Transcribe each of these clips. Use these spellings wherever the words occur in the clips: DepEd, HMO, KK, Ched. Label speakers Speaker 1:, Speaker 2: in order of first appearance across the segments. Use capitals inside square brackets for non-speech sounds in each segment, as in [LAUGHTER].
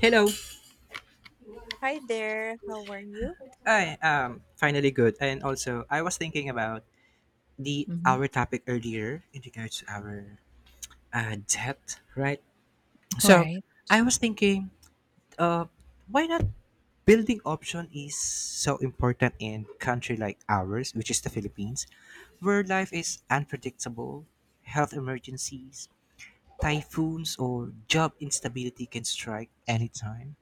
Speaker 1: Hello.
Speaker 2: Hi there, how are you?
Speaker 1: I am finally good. And also, I was thinking about the
Speaker 2: Hmm.
Speaker 1: our topic earlier in regards to our debt, right? So,
Speaker 2: Right.
Speaker 1: I was thinking, uh, why not building option is so important in country like ours, which is the Philippines, where life is unpredictable, health emergencies, typhoons, or job instability can strike anytime.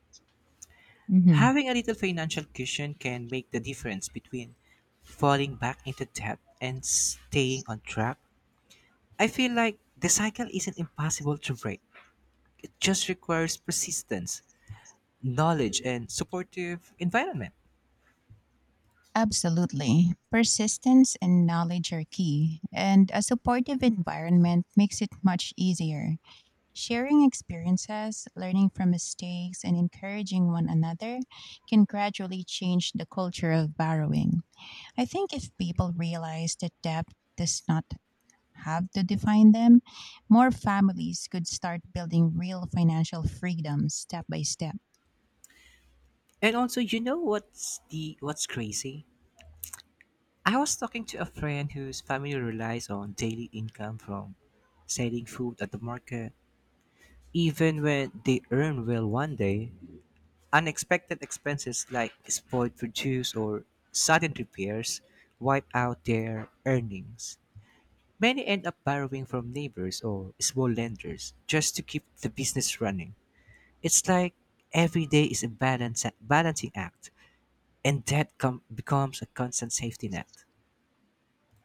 Speaker 2: Hmm.
Speaker 1: Having a little financial cushion can make the difference between falling back into debt and staying on track. I feel like the cycle isn't impossible to break, it just requires persistence, knowledge, and supportive environment.
Speaker 2: Absolutely. Persistence and knowledge are key, and a supportive environment makes it much easier. Sharing experiences, learning from mistakes, and encouraging one another can gradually change the culture of borrowing. I think if people realize that debt does not have to define them, more families could start building real financial freedom step by step.
Speaker 1: And also, you know what's crazy? I was talking to a friend whose family relies on daily income from selling food at the market. Even when they earn well one day, unexpected expenses like spoiled produce or sudden repairs wipe out their earnings. Many end up borrowing from neighbors or small lenders just to keep the business running. It's like every day is a balancing act, and becomes a constant safety net.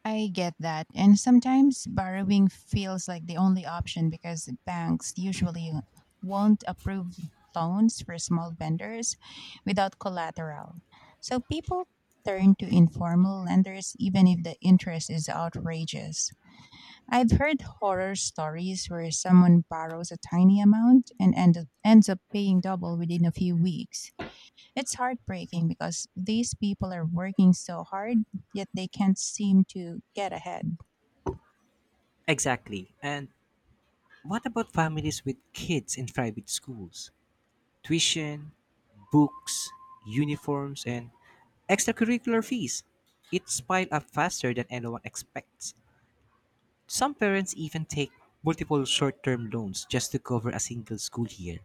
Speaker 2: I get that. And sometimes borrowing feels like the only option because banks usually won't approve loans for small vendors without collateral. So people turn to informal lenders even if the interest is outrageous. I've heard horror stories where someone borrows a tiny amount and ends up paying double within a few weeks. It's heartbreaking because these people are working so hard, yet they can't seem to get ahead.
Speaker 1: Exactly. And what about families with kids in private schools? Tuition, books, uniforms, and extracurricular fees. It's piled up faster than anyone expects. Some parents even take multiple short term loans just to cover a single school year.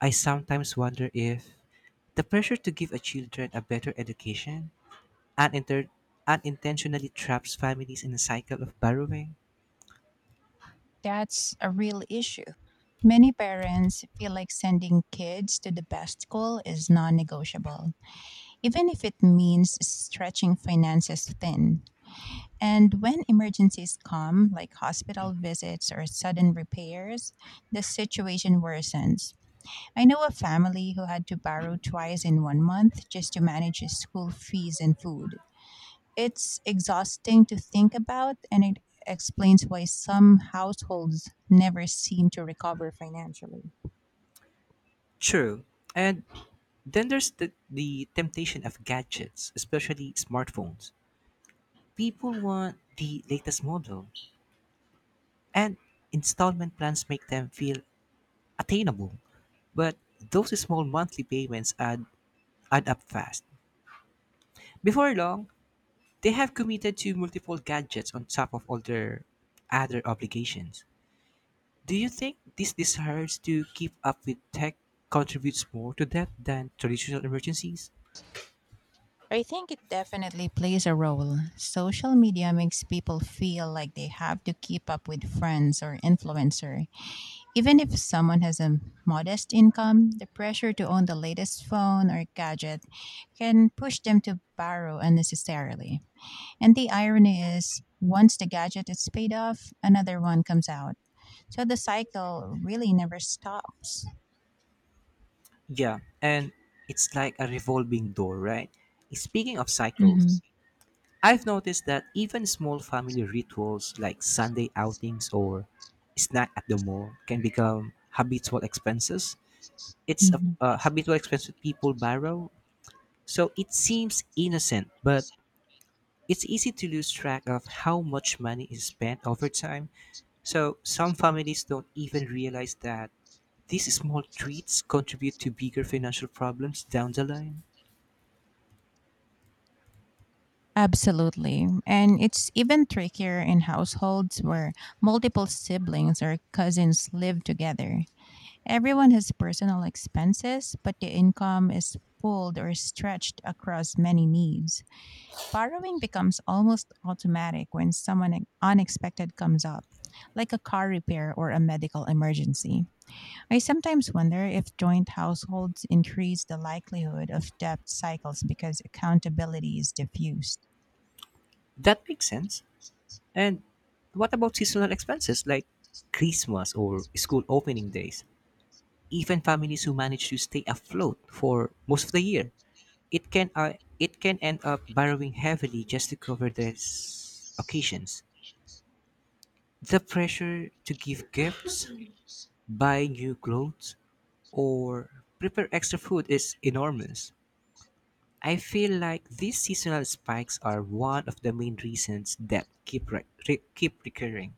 Speaker 1: I sometimes wonder if the pressure to give a children a better education uninter- unintentionally traps families in a cycle of borrowing.
Speaker 2: That's a real issue. Many parents feel like sending kids to the best school is non negotiable, even if it means stretching finances thin. And when emergencies come, like hospital visits or sudden repairs, the situation worsens. I know a family who had to borrow twice in one month just to manage his school fees and food. It's exhausting to think about, and it explains why some households never seem to recover financially.
Speaker 1: True. And then there's the temptation of gadgets, especially smartphones. People want the latest model, and installment plans make them feel attainable, but those small monthly payments add up fast. Before long, they have committed to multiple gadgets on top of all their other obligations. Do you think this desire to keep up with tech contributes more to that than traditional emergencies?
Speaker 2: I think it definitely plays a role. Social media makes people feel like they have to keep up with friends or influencer. Even if someone has a modest income, the pressure to own the latest phone or gadget can push them to borrow unnecessarily. And the irony is, once the gadget is paid off, another one comes out. So the cycle really never stops.
Speaker 1: Yeah, and it's like a revolving door, right? Speaking of cycles, I've noticed that even small family rituals like Sunday outings or snack at the mall can become habitual expenses it's a,
Speaker 2: Mhm.
Speaker 1: a habitual expense that people borrow. So it seems innocent, but it's easy to lose track of how much money is spent over time. So some families don't even realize that these small treats contribute to bigger financial problems down the line.
Speaker 2: Absolutely. And it's even trickier in households where multiple siblings or cousins live together. Everyone has personal expenses, but the income is pulled or stretched across many needs. Borrowing becomes almost automatic when someone unexpected comes up, like a car repair or a medical emergency. I sometimes wonder if joint households increase the likelihood of debt cycles because accountability is diffused.
Speaker 1: That makes sense. And what about seasonal expenses like Christmas or school opening days? Even families who manage to stay afloat for most of the year, it can it can end up borrowing heavily just to cover these occasions. The pressure to give gifts, buy new clothes, or prepare extra food is enormous. I feel like these seasonal spikes are one of the main reasons that keep recurring.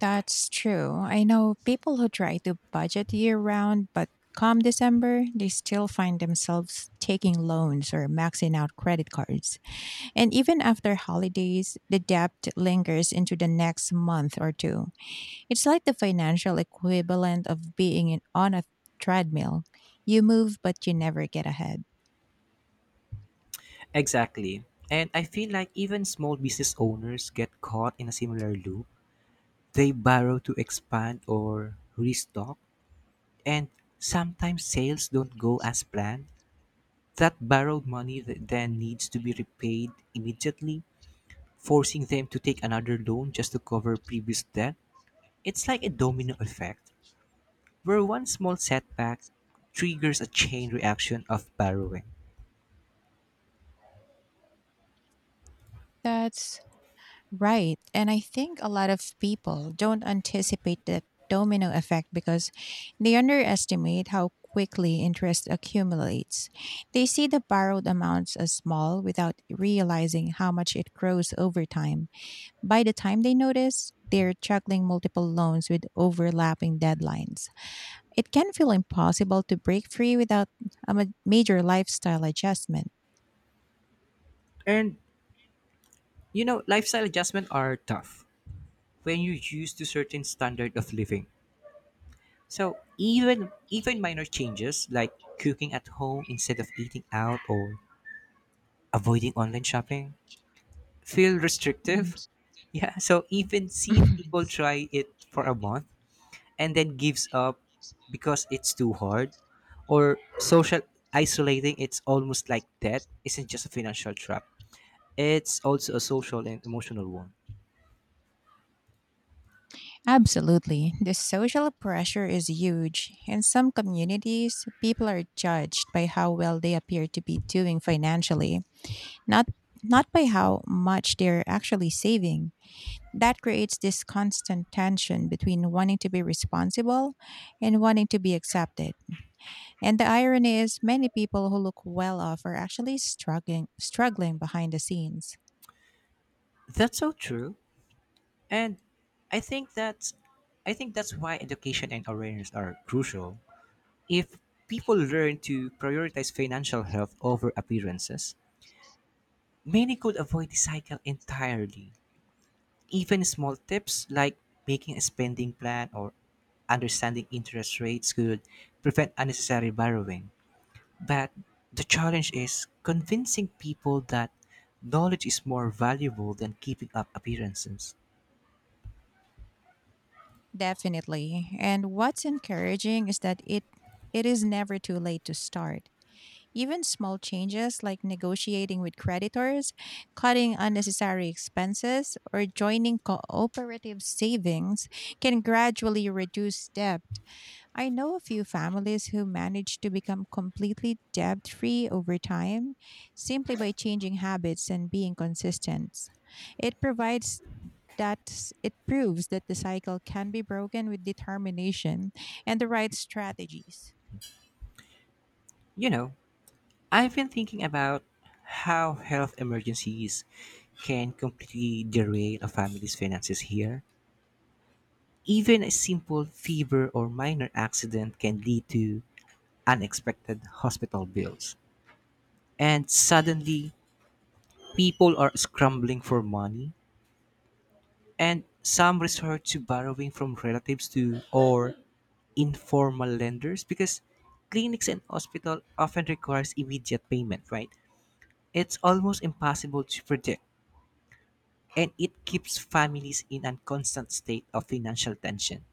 Speaker 2: That's true. I know people who try to budget year round, but come December, they still find themselves taking loans or maxing out credit cards. And even after holidays, the debt lingers into the next month or two. It's like the financial equivalent of being on a treadmill. You move, but you never get ahead.
Speaker 1: Exactly. And I feel like even small business owners get caught in a similar loop. They borrow to expand or restock, and sometimes sales don't go as planned. That borrowed money then needs to be repaid immediately, forcing them to take another loan just to cover previous debt. It's like a domino effect, where one small setback triggers a chain reaction of borrowing.
Speaker 2: That's right. And I think a lot of people don't anticipate that domino effect because they underestimate how quickly interest accumulates. They see the borrowed amounts as small without realizing how much it grows over time. By the time they notice, they're juggling multiple loans with overlapping deadlines. It can feel impossible to break free without a major lifestyle adjustment.
Speaker 1: And you know, lifestyle adjustments are tough when you're used to certain standard of living. So even minor changes like cooking at home instead of eating out or avoiding online shopping feel restrictive. Yeah, so even seeing people try it for a month and then gives up because it's too hard or social isolating, it's almost like that isn't just a financial trap. It's also a social and emotional one.
Speaker 2: Absolutely. The social pressure is huge. In some communities, people are judged by how well they appear to be doing financially, not not by how much they're actually saving. That creates this constant tension between wanting to be responsible and wanting to be accepted. And the irony is many people who look well off are actually struggling behind the scenes.
Speaker 1: That's so true. And I think that's I think that's why education and awareness are crucial. If people learn to prioritize financial health over appearances, many could avoid the cycle entirely. Even small tips like making a spending plan or understanding interest rates could prevent unnecessary borrowing. But the challenge is convincing people that knowledge is more valuable than keeping up appearances.
Speaker 2: Definitely. And what's encouraging is that it is never too late to start. Even small changes like negotiating with creditors, cutting unnecessary expenses, or joining cooperative savings can gradually reduce debt. I know a few families who managed to become completely debt free over time simply by changing habits and being consistent. It provides that it proves that the cycle can be broken with determination and the right strategies.
Speaker 1: You know, I've been thinking about how health emergencies can completely derail a family's finances here. Even a simple fever or minor accident can lead to unexpected hospital bills, and suddenly people are scrambling for money, and some resort to borrowing from relatives to or informal lenders because clinics and hospital often requires immediate payment, right? It's almost impossible to predict, and it keeps families in a constant state of financial tension.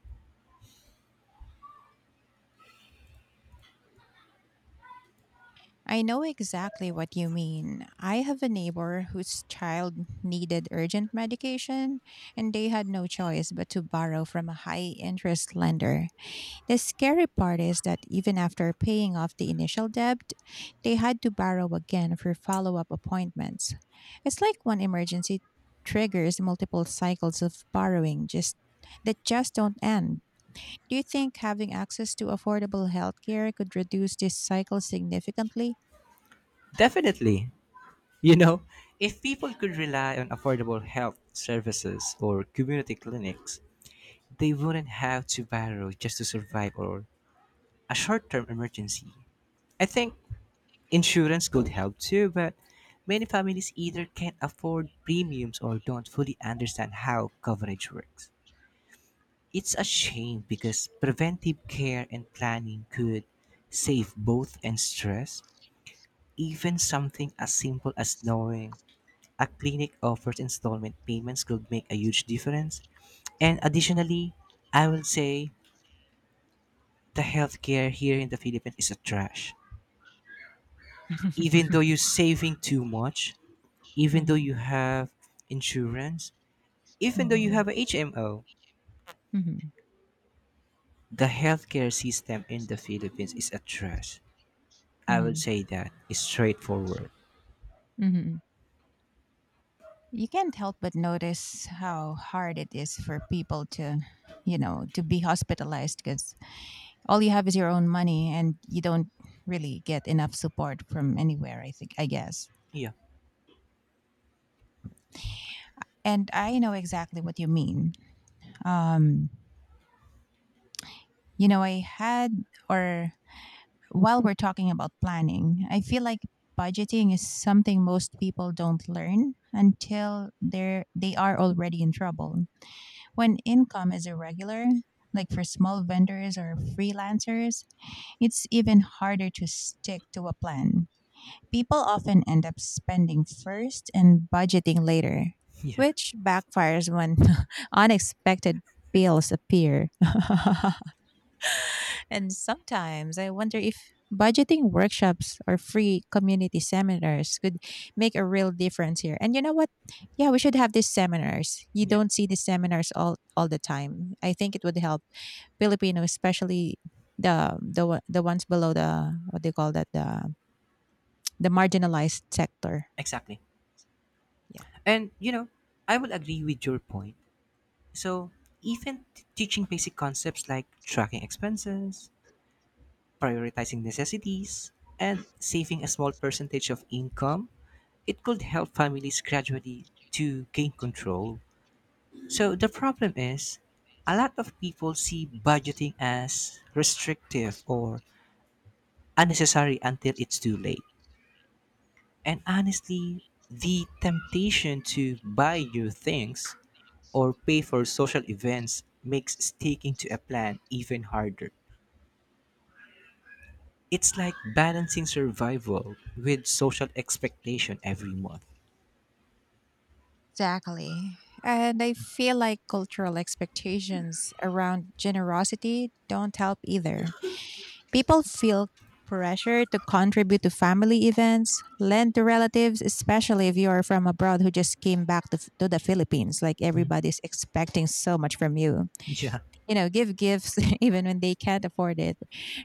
Speaker 2: I know exactly what you mean. I have a neighbor whose child needed urgent medication, and they had no choice but to borrow from a high interest lender. The scary part is that even after paying off the initial debt, they had to borrow again for follow up appointments. It's like one emergency triggers multiple cycles of borrowing just that just don't end. Do you think having access to affordable healthcare could reduce this cycle significantly?
Speaker 1: Definitely. You know, if people could rely on affordable health services or community clinics, they wouldn't have to borrow just to survive or a short term emergency. I think insurance could help too, but many families either can't afford premiums or don't fully understand how coverage works. It's a shame because preventive care and planning could save both and stress. Even something as simple as knowing a clinic offers installment payments could make a huge difference. And additionally, I will say the healthcare here in the Philippines is a trash. Even though
Speaker 2: [LAUGHS]
Speaker 1: you're saving too much, even though
Speaker 2: Mhm,
Speaker 1: you have insurance, even though you
Speaker 2: mhm,
Speaker 1: have a HMO,
Speaker 2: mhm,
Speaker 1: the healthcare system in the Philippines is a trash. I will
Speaker 2: mhm,
Speaker 1: say that it's straightforward.
Speaker 2: mhm. You can't help but notice how hard it is for people to be hospitalized because all you have is your own money and you don't really get enough support from anywhere, I think, I guess.
Speaker 1: Yeah,
Speaker 2: And I know exactly what you mean. Um, you know, I had, or while we're talking about planning, I feel like budgeting is something most people don't learn until they are already in trouble. When income is irregular, like for small vendors or freelancers, it's even harder to stick to a plan. People often end up spending first and budgeting later,
Speaker 1: [LAUGHS] yeah,
Speaker 2: which backfires when [LAUGHS] unexpected bills appear. [LAUGHS] And sometimes I wonder if budgeting workshops or free community seminars could make a real difference here. And you know what? Yeah, we should have these seminars. You
Speaker 1: yeah,
Speaker 2: don't see these seminars all the time. I think it would help Filipinos, especially the ones below the, what they call that, the marginalized sector.
Speaker 1: exactly.
Speaker 2: Yeah.
Speaker 1: And you know, I will agree with your point. So even teaching basic concepts like tracking expenses, prioritizing necessities, and saving a small percentage of income, it could help families gradually to gain control. So the problem is, a lot of people see budgeting as restrictive or unnecessary until it's too late. And honestly, the temptation to buy new things or pay for social events makes sticking to a plan even harder. It's like balancing survival with social expectation every month.
Speaker 2: Exactly. And I feel like cultural expectations around generosity don't help either. People feel pressure to contribute to family events, lend to relatives, especially if you are from abroad who just came back to the Philippines. Like everybody's expecting so much from you.
Speaker 1: [LAUGHS] Yeah.
Speaker 2: You know, give gifts [LAUGHS] even when they can't afford it.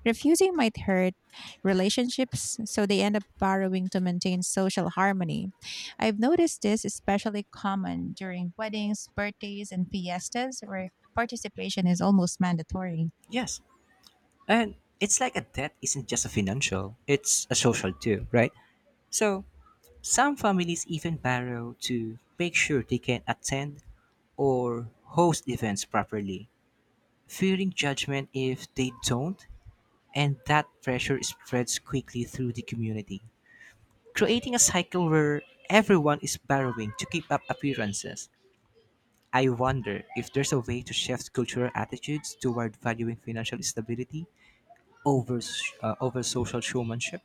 Speaker 2: Refusing might hurt relationships, so they end up borrowing to maintain social harmony. I've noticed this especially common during weddings, birthdays, and fiestas where participation is almost mandatory.
Speaker 1: Yes. And it's like a debt isn't just a financial, it's a social too, right? So some families even borrow to make sure they can attend or host events properly, fearing judgment if they don't, and that pressure spreads quickly through the community, creating a cycle where everyone is borrowing to keep up appearances. I wonder if there's a way to shift cultural attitudes toward valuing financial stability over over social showmanship.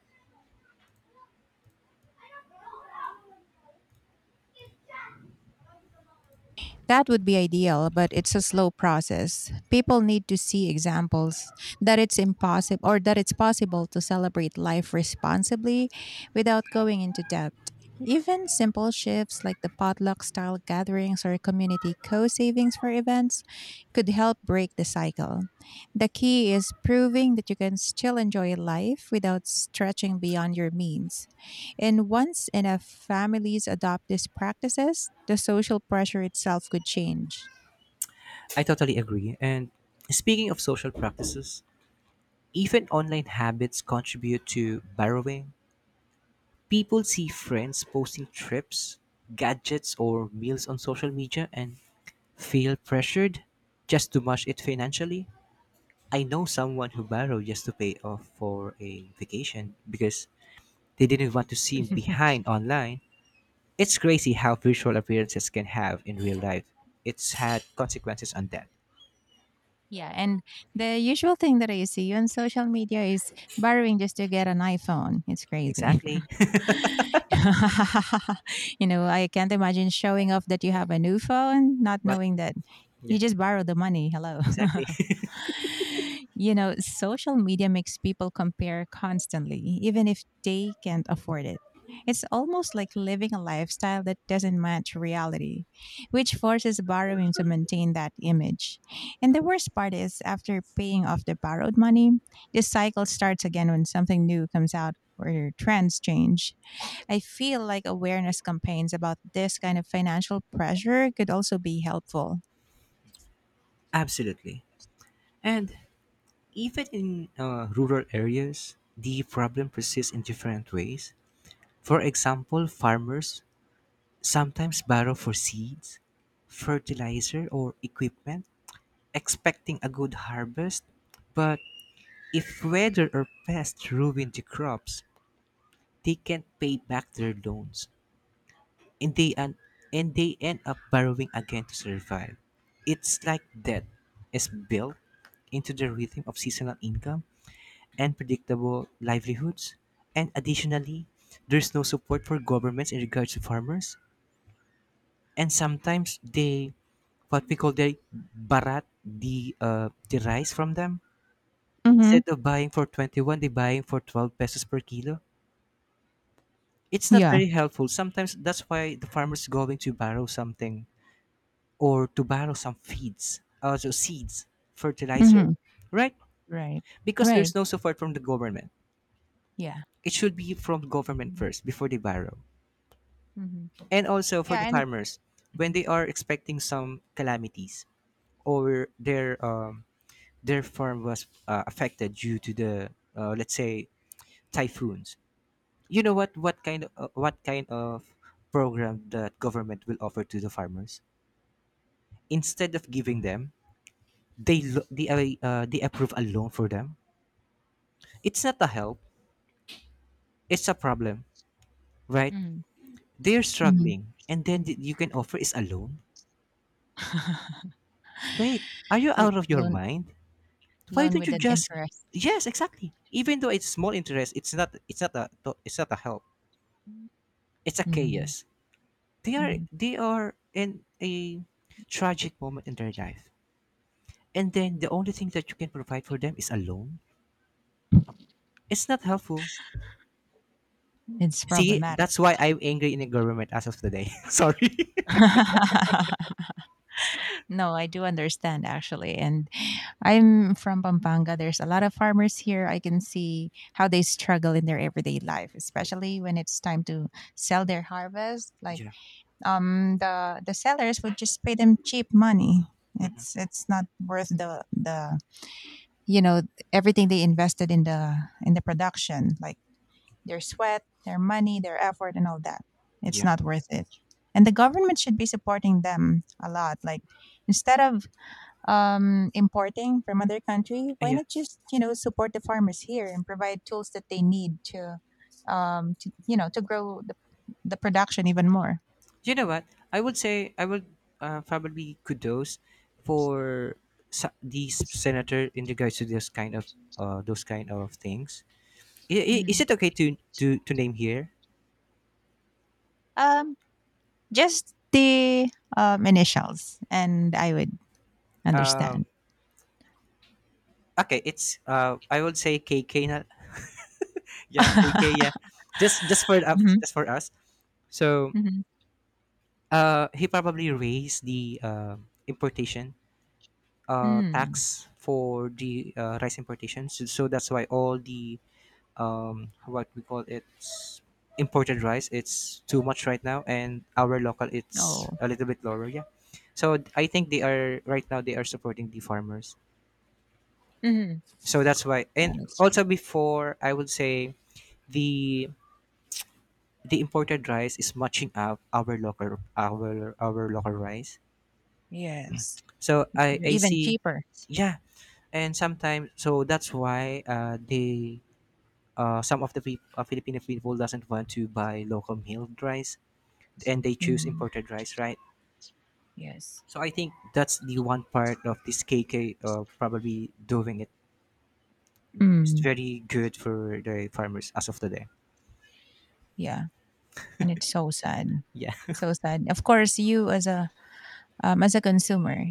Speaker 2: That would be ideal, but it's a slow process. People need to see examples that it's impossible or that it's possible to celebrate life responsibly without going into debt. Even simple shifts like the potluck style gatherings or community co savings for events could help break the cycle. The key is proving that you can still enjoy life without stretching beyond your means. And once enough families adopt these practices, the social pressure itself could change.
Speaker 1: I totally agree. And speaking of social practices, even online habits contribute to borrowing. People see friends posting trips, gadgets, or meals on social media and feel pressured just to match it financially. I know someone who borrowed just to pay off for a vacation because they didn't want to seem behind online. It's crazy how visual appearances can have in real life. It's had consequences on that.
Speaker 2: Yeah, and the usual thing that I see on social media is borrowing just to get an iPhone. It's crazy.
Speaker 1: Exactly.
Speaker 2: [LAUGHS] You know, I can't imagine showing off that you have a new phone, not
Speaker 1: [LAUGHS] but
Speaker 2: knowing that you
Speaker 1: yeah,
Speaker 2: just borrowed the money. Hello.
Speaker 1: exactly.
Speaker 2: [LAUGHS] You know, social media makes people compare constantly, even if they can't afford it. It's almost like living a lifestyle that doesn't match reality, which forces borrowing to maintain that image. And the worst part is, after paying off the borrowed money, the cycle starts again when something new comes out or trends change. I feel like awareness campaigns about this kind of financial pressure could also be helpful.
Speaker 1: [LAUGHS] Absolutely. And even in rural areas, the problem persists in different ways. For example, farmers sometimes borrow for seeds, fertilizer, or equipment, expecting a good harvest. But if weather or pests ruin the crops, they can't pay back their loans, and and they end up borrowing again to survive. It's like debt is built into the rhythm of seasonal income and predictable livelihoods. And additionally, there's no support for governments in regards to farmers. And sometimes they, what we call they barat the rice from them.
Speaker 2: Mm-hmm.
Speaker 1: Instead of buying for 21, they buying for 12 pesos per kilo. It's not very
Speaker 2: Yeah.
Speaker 1: helpful. Sometimes that's why the farmers going to borrow something or to borrow some feeds, also seeds, fertilizer,
Speaker 2: Mm-hmm.
Speaker 1: right?
Speaker 2: Right.
Speaker 1: Because
Speaker 2: Right.
Speaker 1: there's no support from the government.
Speaker 2: Yeah.
Speaker 1: It should be from government first before they borrow.
Speaker 2: Mm-hmm.
Speaker 1: And also for the
Speaker 2: Yeah, and
Speaker 1: farmers, when they are expecting some calamities or their farm was affected due to the let's say typhoons. You know what kind of program that government will offer to the farmers? Instead of giving them, they lo- they approve a loan for them. It's not a help. It's a problem, right?
Speaker 2: mm.
Speaker 1: They're
Speaker 2: Mm-hmm.
Speaker 1: struggling, and then you can offer is a loan. Wait, are you
Speaker 2: [LAUGHS] L-
Speaker 1: out of your
Speaker 2: loan
Speaker 1: mind? Why
Speaker 2: loan
Speaker 1: don't
Speaker 2: with
Speaker 1: you
Speaker 2: an
Speaker 1: just,
Speaker 2: interest.
Speaker 1: yes, exactly. Even though it's small interest, it's not a help. It's a
Speaker 2: Mm-hmm.
Speaker 1: chaos. They are in a tragic moment in their life. And then the only thing that you can provide for them is a loan. It's not helpful.
Speaker 2: It's
Speaker 1: See,
Speaker 2: problematic.
Speaker 1: that's why I'm angry in the government as of today. [LAUGHS] Sorry.
Speaker 2: [LAUGHS] No, I do understand actually, and I'm from Pampanga. There's a lot of farmers here. I can see how they struggle in their everyday life, especially when it's time to sell their harvest. Like,
Speaker 1: Yeah,
Speaker 2: the sellers would just pay them cheap money. It's not worth the you know everything they invested in the production, like their sweat, their money, their effort and all that. It's
Speaker 1: yeah,
Speaker 2: not worth it. And the government should be supporting them a lot. Like instead of importing from other country, why
Speaker 1: Yeah.
Speaker 2: not just support the farmers here and provide tools that they need to you know to grow the production even more?
Speaker 1: You know what? I would probably kudos for these senator in regards to this kind of those kind of things. Is
Speaker 2: Mhm.
Speaker 1: it okay to to name here?
Speaker 2: Um, just the initials, and I would understand.
Speaker 1: Um, okay, it's I would say KK. Not, [LAUGHS] yeah, KK.
Speaker 2: [LAUGHS]
Speaker 1: Yeah,
Speaker 2: Mhm,
Speaker 1: just for us. So
Speaker 2: mhm.
Speaker 1: he probably raised the importation
Speaker 2: Mm,
Speaker 1: tax for the rice importation. So, so that's why all the what we call it imported rice it's too much right now, and our local it's
Speaker 2: oh,
Speaker 1: a little bit lower. Yeah. So I think they are right now they are supporting the farmers.
Speaker 2: mhm,
Speaker 1: So that's why. And
Speaker 2: right.
Speaker 1: also before, I would say the the imported rice is matching up our local our local rice.
Speaker 2: Yes,
Speaker 1: So I
Speaker 2: they're
Speaker 1: I
Speaker 2: even
Speaker 1: see,
Speaker 2: cheaper.
Speaker 1: yeah, and sometimes so that's why they some of the Filipino people doesn't want to buy local milled rice, and they choose
Speaker 2: Mhm.
Speaker 1: imported rice, right?
Speaker 2: Yes.
Speaker 1: So I think that's the one part of this KK probably doing it. It's
Speaker 2: Mm,
Speaker 1: very good for the farmers as of today.
Speaker 2: yeah, and it's so sad,
Speaker 1: Yeah.
Speaker 2: so sad. Of course, you as a consumer,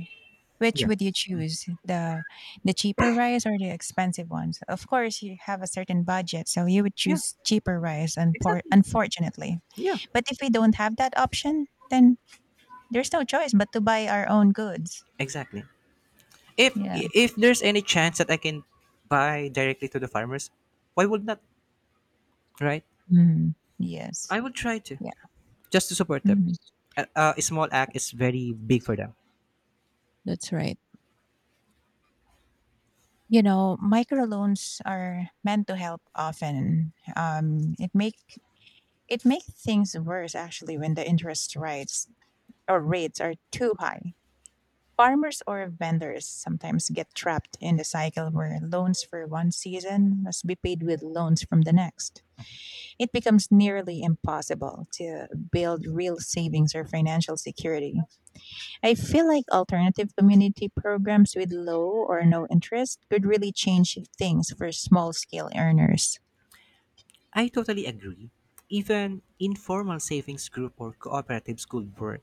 Speaker 2: which
Speaker 1: Yeah.
Speaker 2: would you choose? The cheaper rice or the expensive ones? Of course, you have a certain budget, so you would
Speaker 1: Yeah.
Speaker 2: choose cheaper rice and
Speaker 1: Exactly.
Speaker 2: unfortunately.
Speaker 1: Yeah,
Speaker 2: But if we don't have that option, then there's no choice but to buy our own goods.
Speaker 1: exactly. If
Speaker 2: Yeah.
Speaker 1: if there's any chance that I can buy directly to the farmers, why would not? Right?
Speaker 2: Mhm. Yes.
Speaker 1: I would try to
Speaker 2: Yeah.
Speaker 1: just to support them.
Speaker 2: Mhm.
Speaker 1: A small act is very big for them.
Speaker 2: That's right. You know, microloans are meant to help often. It makes things worse actually when the interest rates or rates are too high. Farmers or vendors sometimes get trapped in the cycle where loans for one season must be paid with loans from the next. It becomes nearly impossible to build real savings or financial security. I feel like alternative community programs with low or no interest could really change things for small scale earners.
Speaker 1: I totally agree. Even informal savings group or cooperatives could work.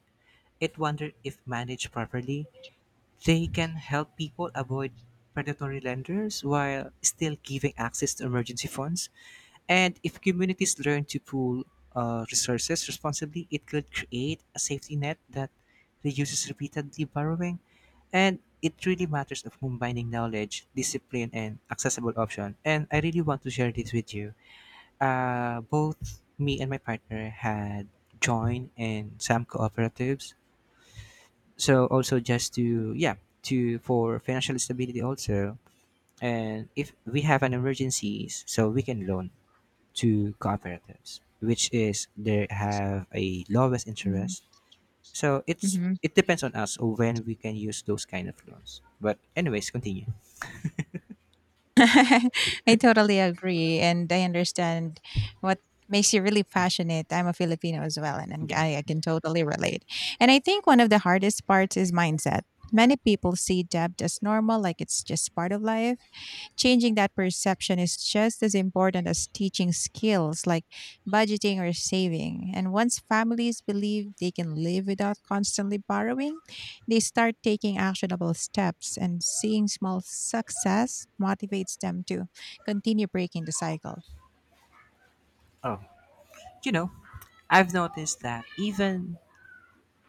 Speaker 1: It wonder if managed properly, they can help people avoid predatory lenders while still giving access to emergency funds. And if communities learn to pool resources responsibly, it could create a safety net that reduces repeatedly borrowing. And it really matters of combining knowledge, discipline, and accessible option. And I really want to share this with you. Both me and my partner had joined in some cooperatives, so also just to, yeah, to for financial stability also, and if we have an emergencies, so we can loan to cooperatives, which is they have a lowest
Speaker 2: Mhm.
Speaker 1: interest, so it's
Speaker 2: Mhm.
Speaker 1: it depends on us when we can use those kind of loans, but anyways, continue.
Speaker 2: [LAUGHS] I totally agree, and I understand what makes you really passionate. I'm a Filipino as well, and
Speaker 1: Yeah.
Speaker 2: I can totally relate. And I think one of the hardest parts is mindset. Many people see debt as normal, like it's just part of life. Changing that perception is just as important as teaching skills like budgeting or saving. And once families believe they can live without constantly borrowing, they start taking actionable steps, and seeing small success motivates them to continue breaking the cycle.
Speaker 1: Oh, you know, I've noticed that even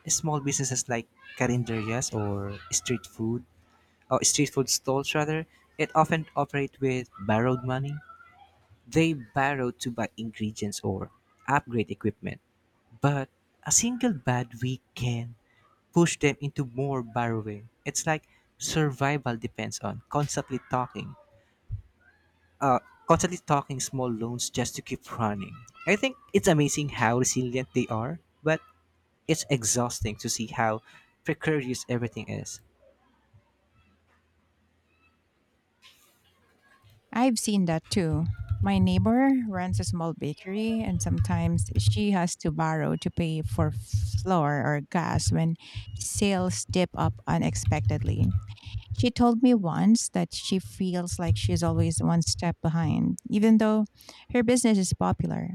Speaker 1: small businesses like carinderias or street food, or street food stalls rather, it often operate with borrowed money. They borrow to buy ingredients or upgrade equipment, but a single bad week can push them into more borrowing. It's like survival depends on uh, constantly talking small loans just to keep running. I think it's amazing how resilient they are, but it's exhausting to see how precarious everything is.
Speaker 2: I've seen that too. My neighbor runs a small bakery, and sometimes she has to borrow to pay for flour or gas when sales dip up unexpectedly. She told me once that she feels like she's always one step behind, even though her business is popular.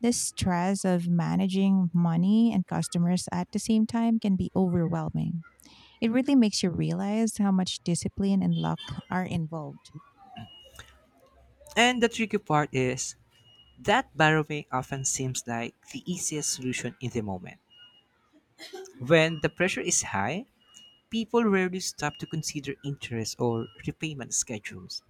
Speaker 2: The stress of managing money and customers at the same time can be overwhelming. It really makes you realize how much discipline and luck are involved.
Speaker 1: And the tricky part is that borrowing often seems like the easiest solution in the moment. When the pressure is high, people rarely stop to consider interest or repayment schedules.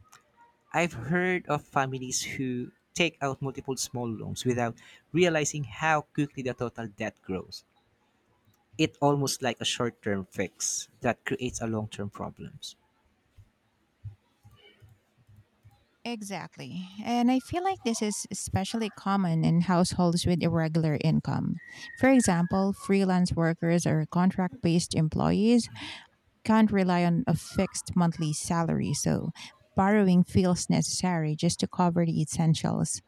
Speaker 1: I've heard of families who take out multiple small loans without realizing how quickly the total debt grows. It's almost like a short term fix that creates a long term problems.
Speaker 2: Exactly. And I feel like this is especially common in households with irregular income. For example, freelance workers or contract based employees can't rely on a fixed monthly salary, so borrowing feels necessary just to cover the essentials.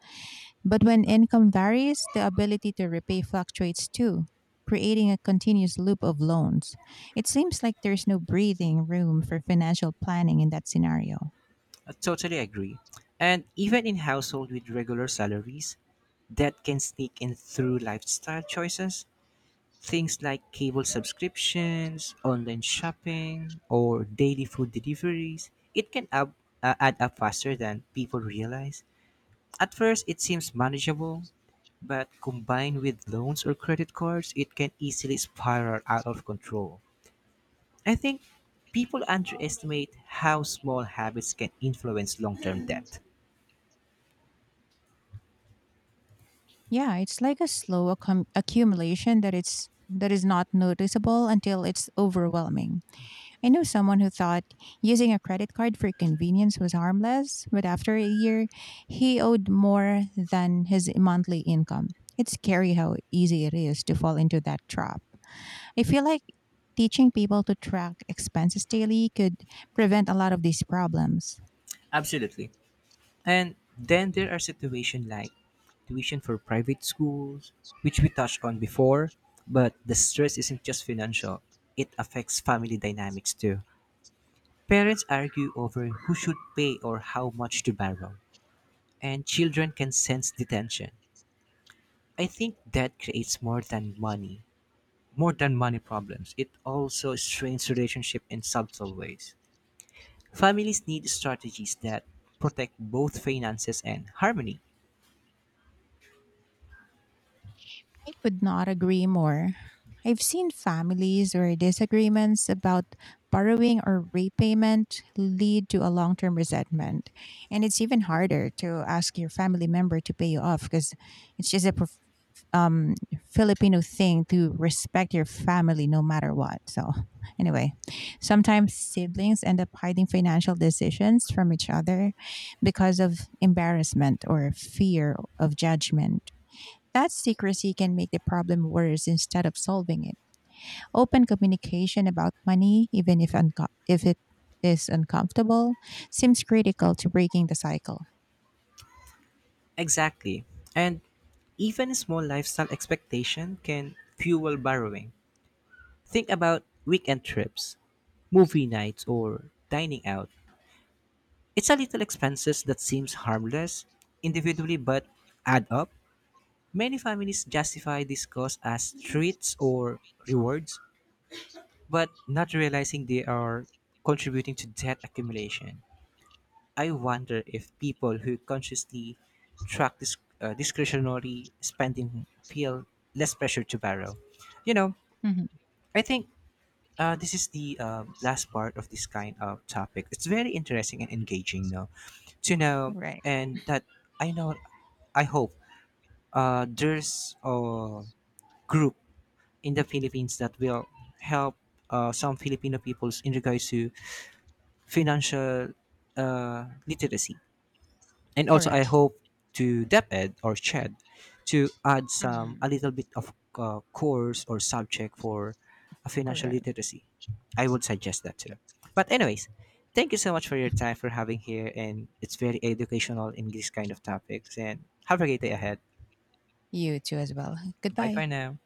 Speaker 2: But when income varies, the ability to repay fluctuates too, creating a continuous loop of loans. It seems like there's no breathing room for financial planning in that scenario.
Speaker 1: I totally agree. And even in households with regular salaries, debt can sneak in through lifestyle choices. Things like cable subscriptions, online shopping, or daily food deliveries, add up faster than people realize. At first, it seems manageable, but combined with loans or credit cards, it can easily spiral out of control. I think people underestimate how small habits can influence long term debt.
Speaker 2: Yeah, it's like a slow accumulation that it's that is not noticeable until it's overwhelming. I know someone who thought using a credit card for convenience was harmless, but after a year, he owed more than his monthly income. It's scary how easy it is to fall into that trap. I feel like teaching people to track expenses daily could prevent a lot of these problems.
Speaker 1: Absolutely. And then there are situations like tuition for private schools, which we touched on before, but the stress isn't just financial, it affects family dynamics too. Parents argue over who should pay or how much to borrow, and children can sense the tension. I think that creates more than money problems. It also strains relationship in subtle ways. Families need strategies that protect both finances and harmony.
Speaker 2: I could not agree more. I've seen families where disagreements about borrowing or repayment lead to a long term resentment. And it's even harder to ask your family member to pay you off because it's just a um, Filipino thing to respect your family no matter what. So, anyway, sometimes siblings end up hiding financial decisions from each other because of embarrassment or fear of judgment. That secrecy can make the problem worse instead of solving it. Open communication about money, even if it is uncomfortable, seems critical to breaking the cycle.
Speaker 1: Exactly. And even a small lifestyle expectation can fuel borrowing. Think about weekend trips, movie nights, or dining out. It's a little expenses that seems harmless individually but add up. Many families justify this cost as treats or rewards, but not realizing they are contributing to debt accumulation. I wonder if people who consciously track this discretionary spending feel less pressure to borrow. You know,
Speaker 2: Mhm.
Speaker 1: I think this is the last part of this kind of topic. It's very interesting and engaging, though, to know,
Speaker 2: Right.
Speaker 1: and that I know, I hope there's a group in the Philippines that will help some Filipino peoples in regards to financial literacy, and also I
Speaker 2: Correct.
Speaker 1: hope to DepEd or Ched to add some
Speaker 2: Hmm.
Speaker 1: a little bit of course or subject for a financial
Speaker 2: Correct.
Speaker 1: literacy. I would suggest that too. But anyways, thank you so much for your time for having here, and it's very educational in this kind of topics. And have a great day
Speaker 2: Correct.
Speaker 1: ahead.
Speaker 2: You too, as well.
Speaker 1: Bye
Speaker 2: Goodbye.
Speaker 1: for now.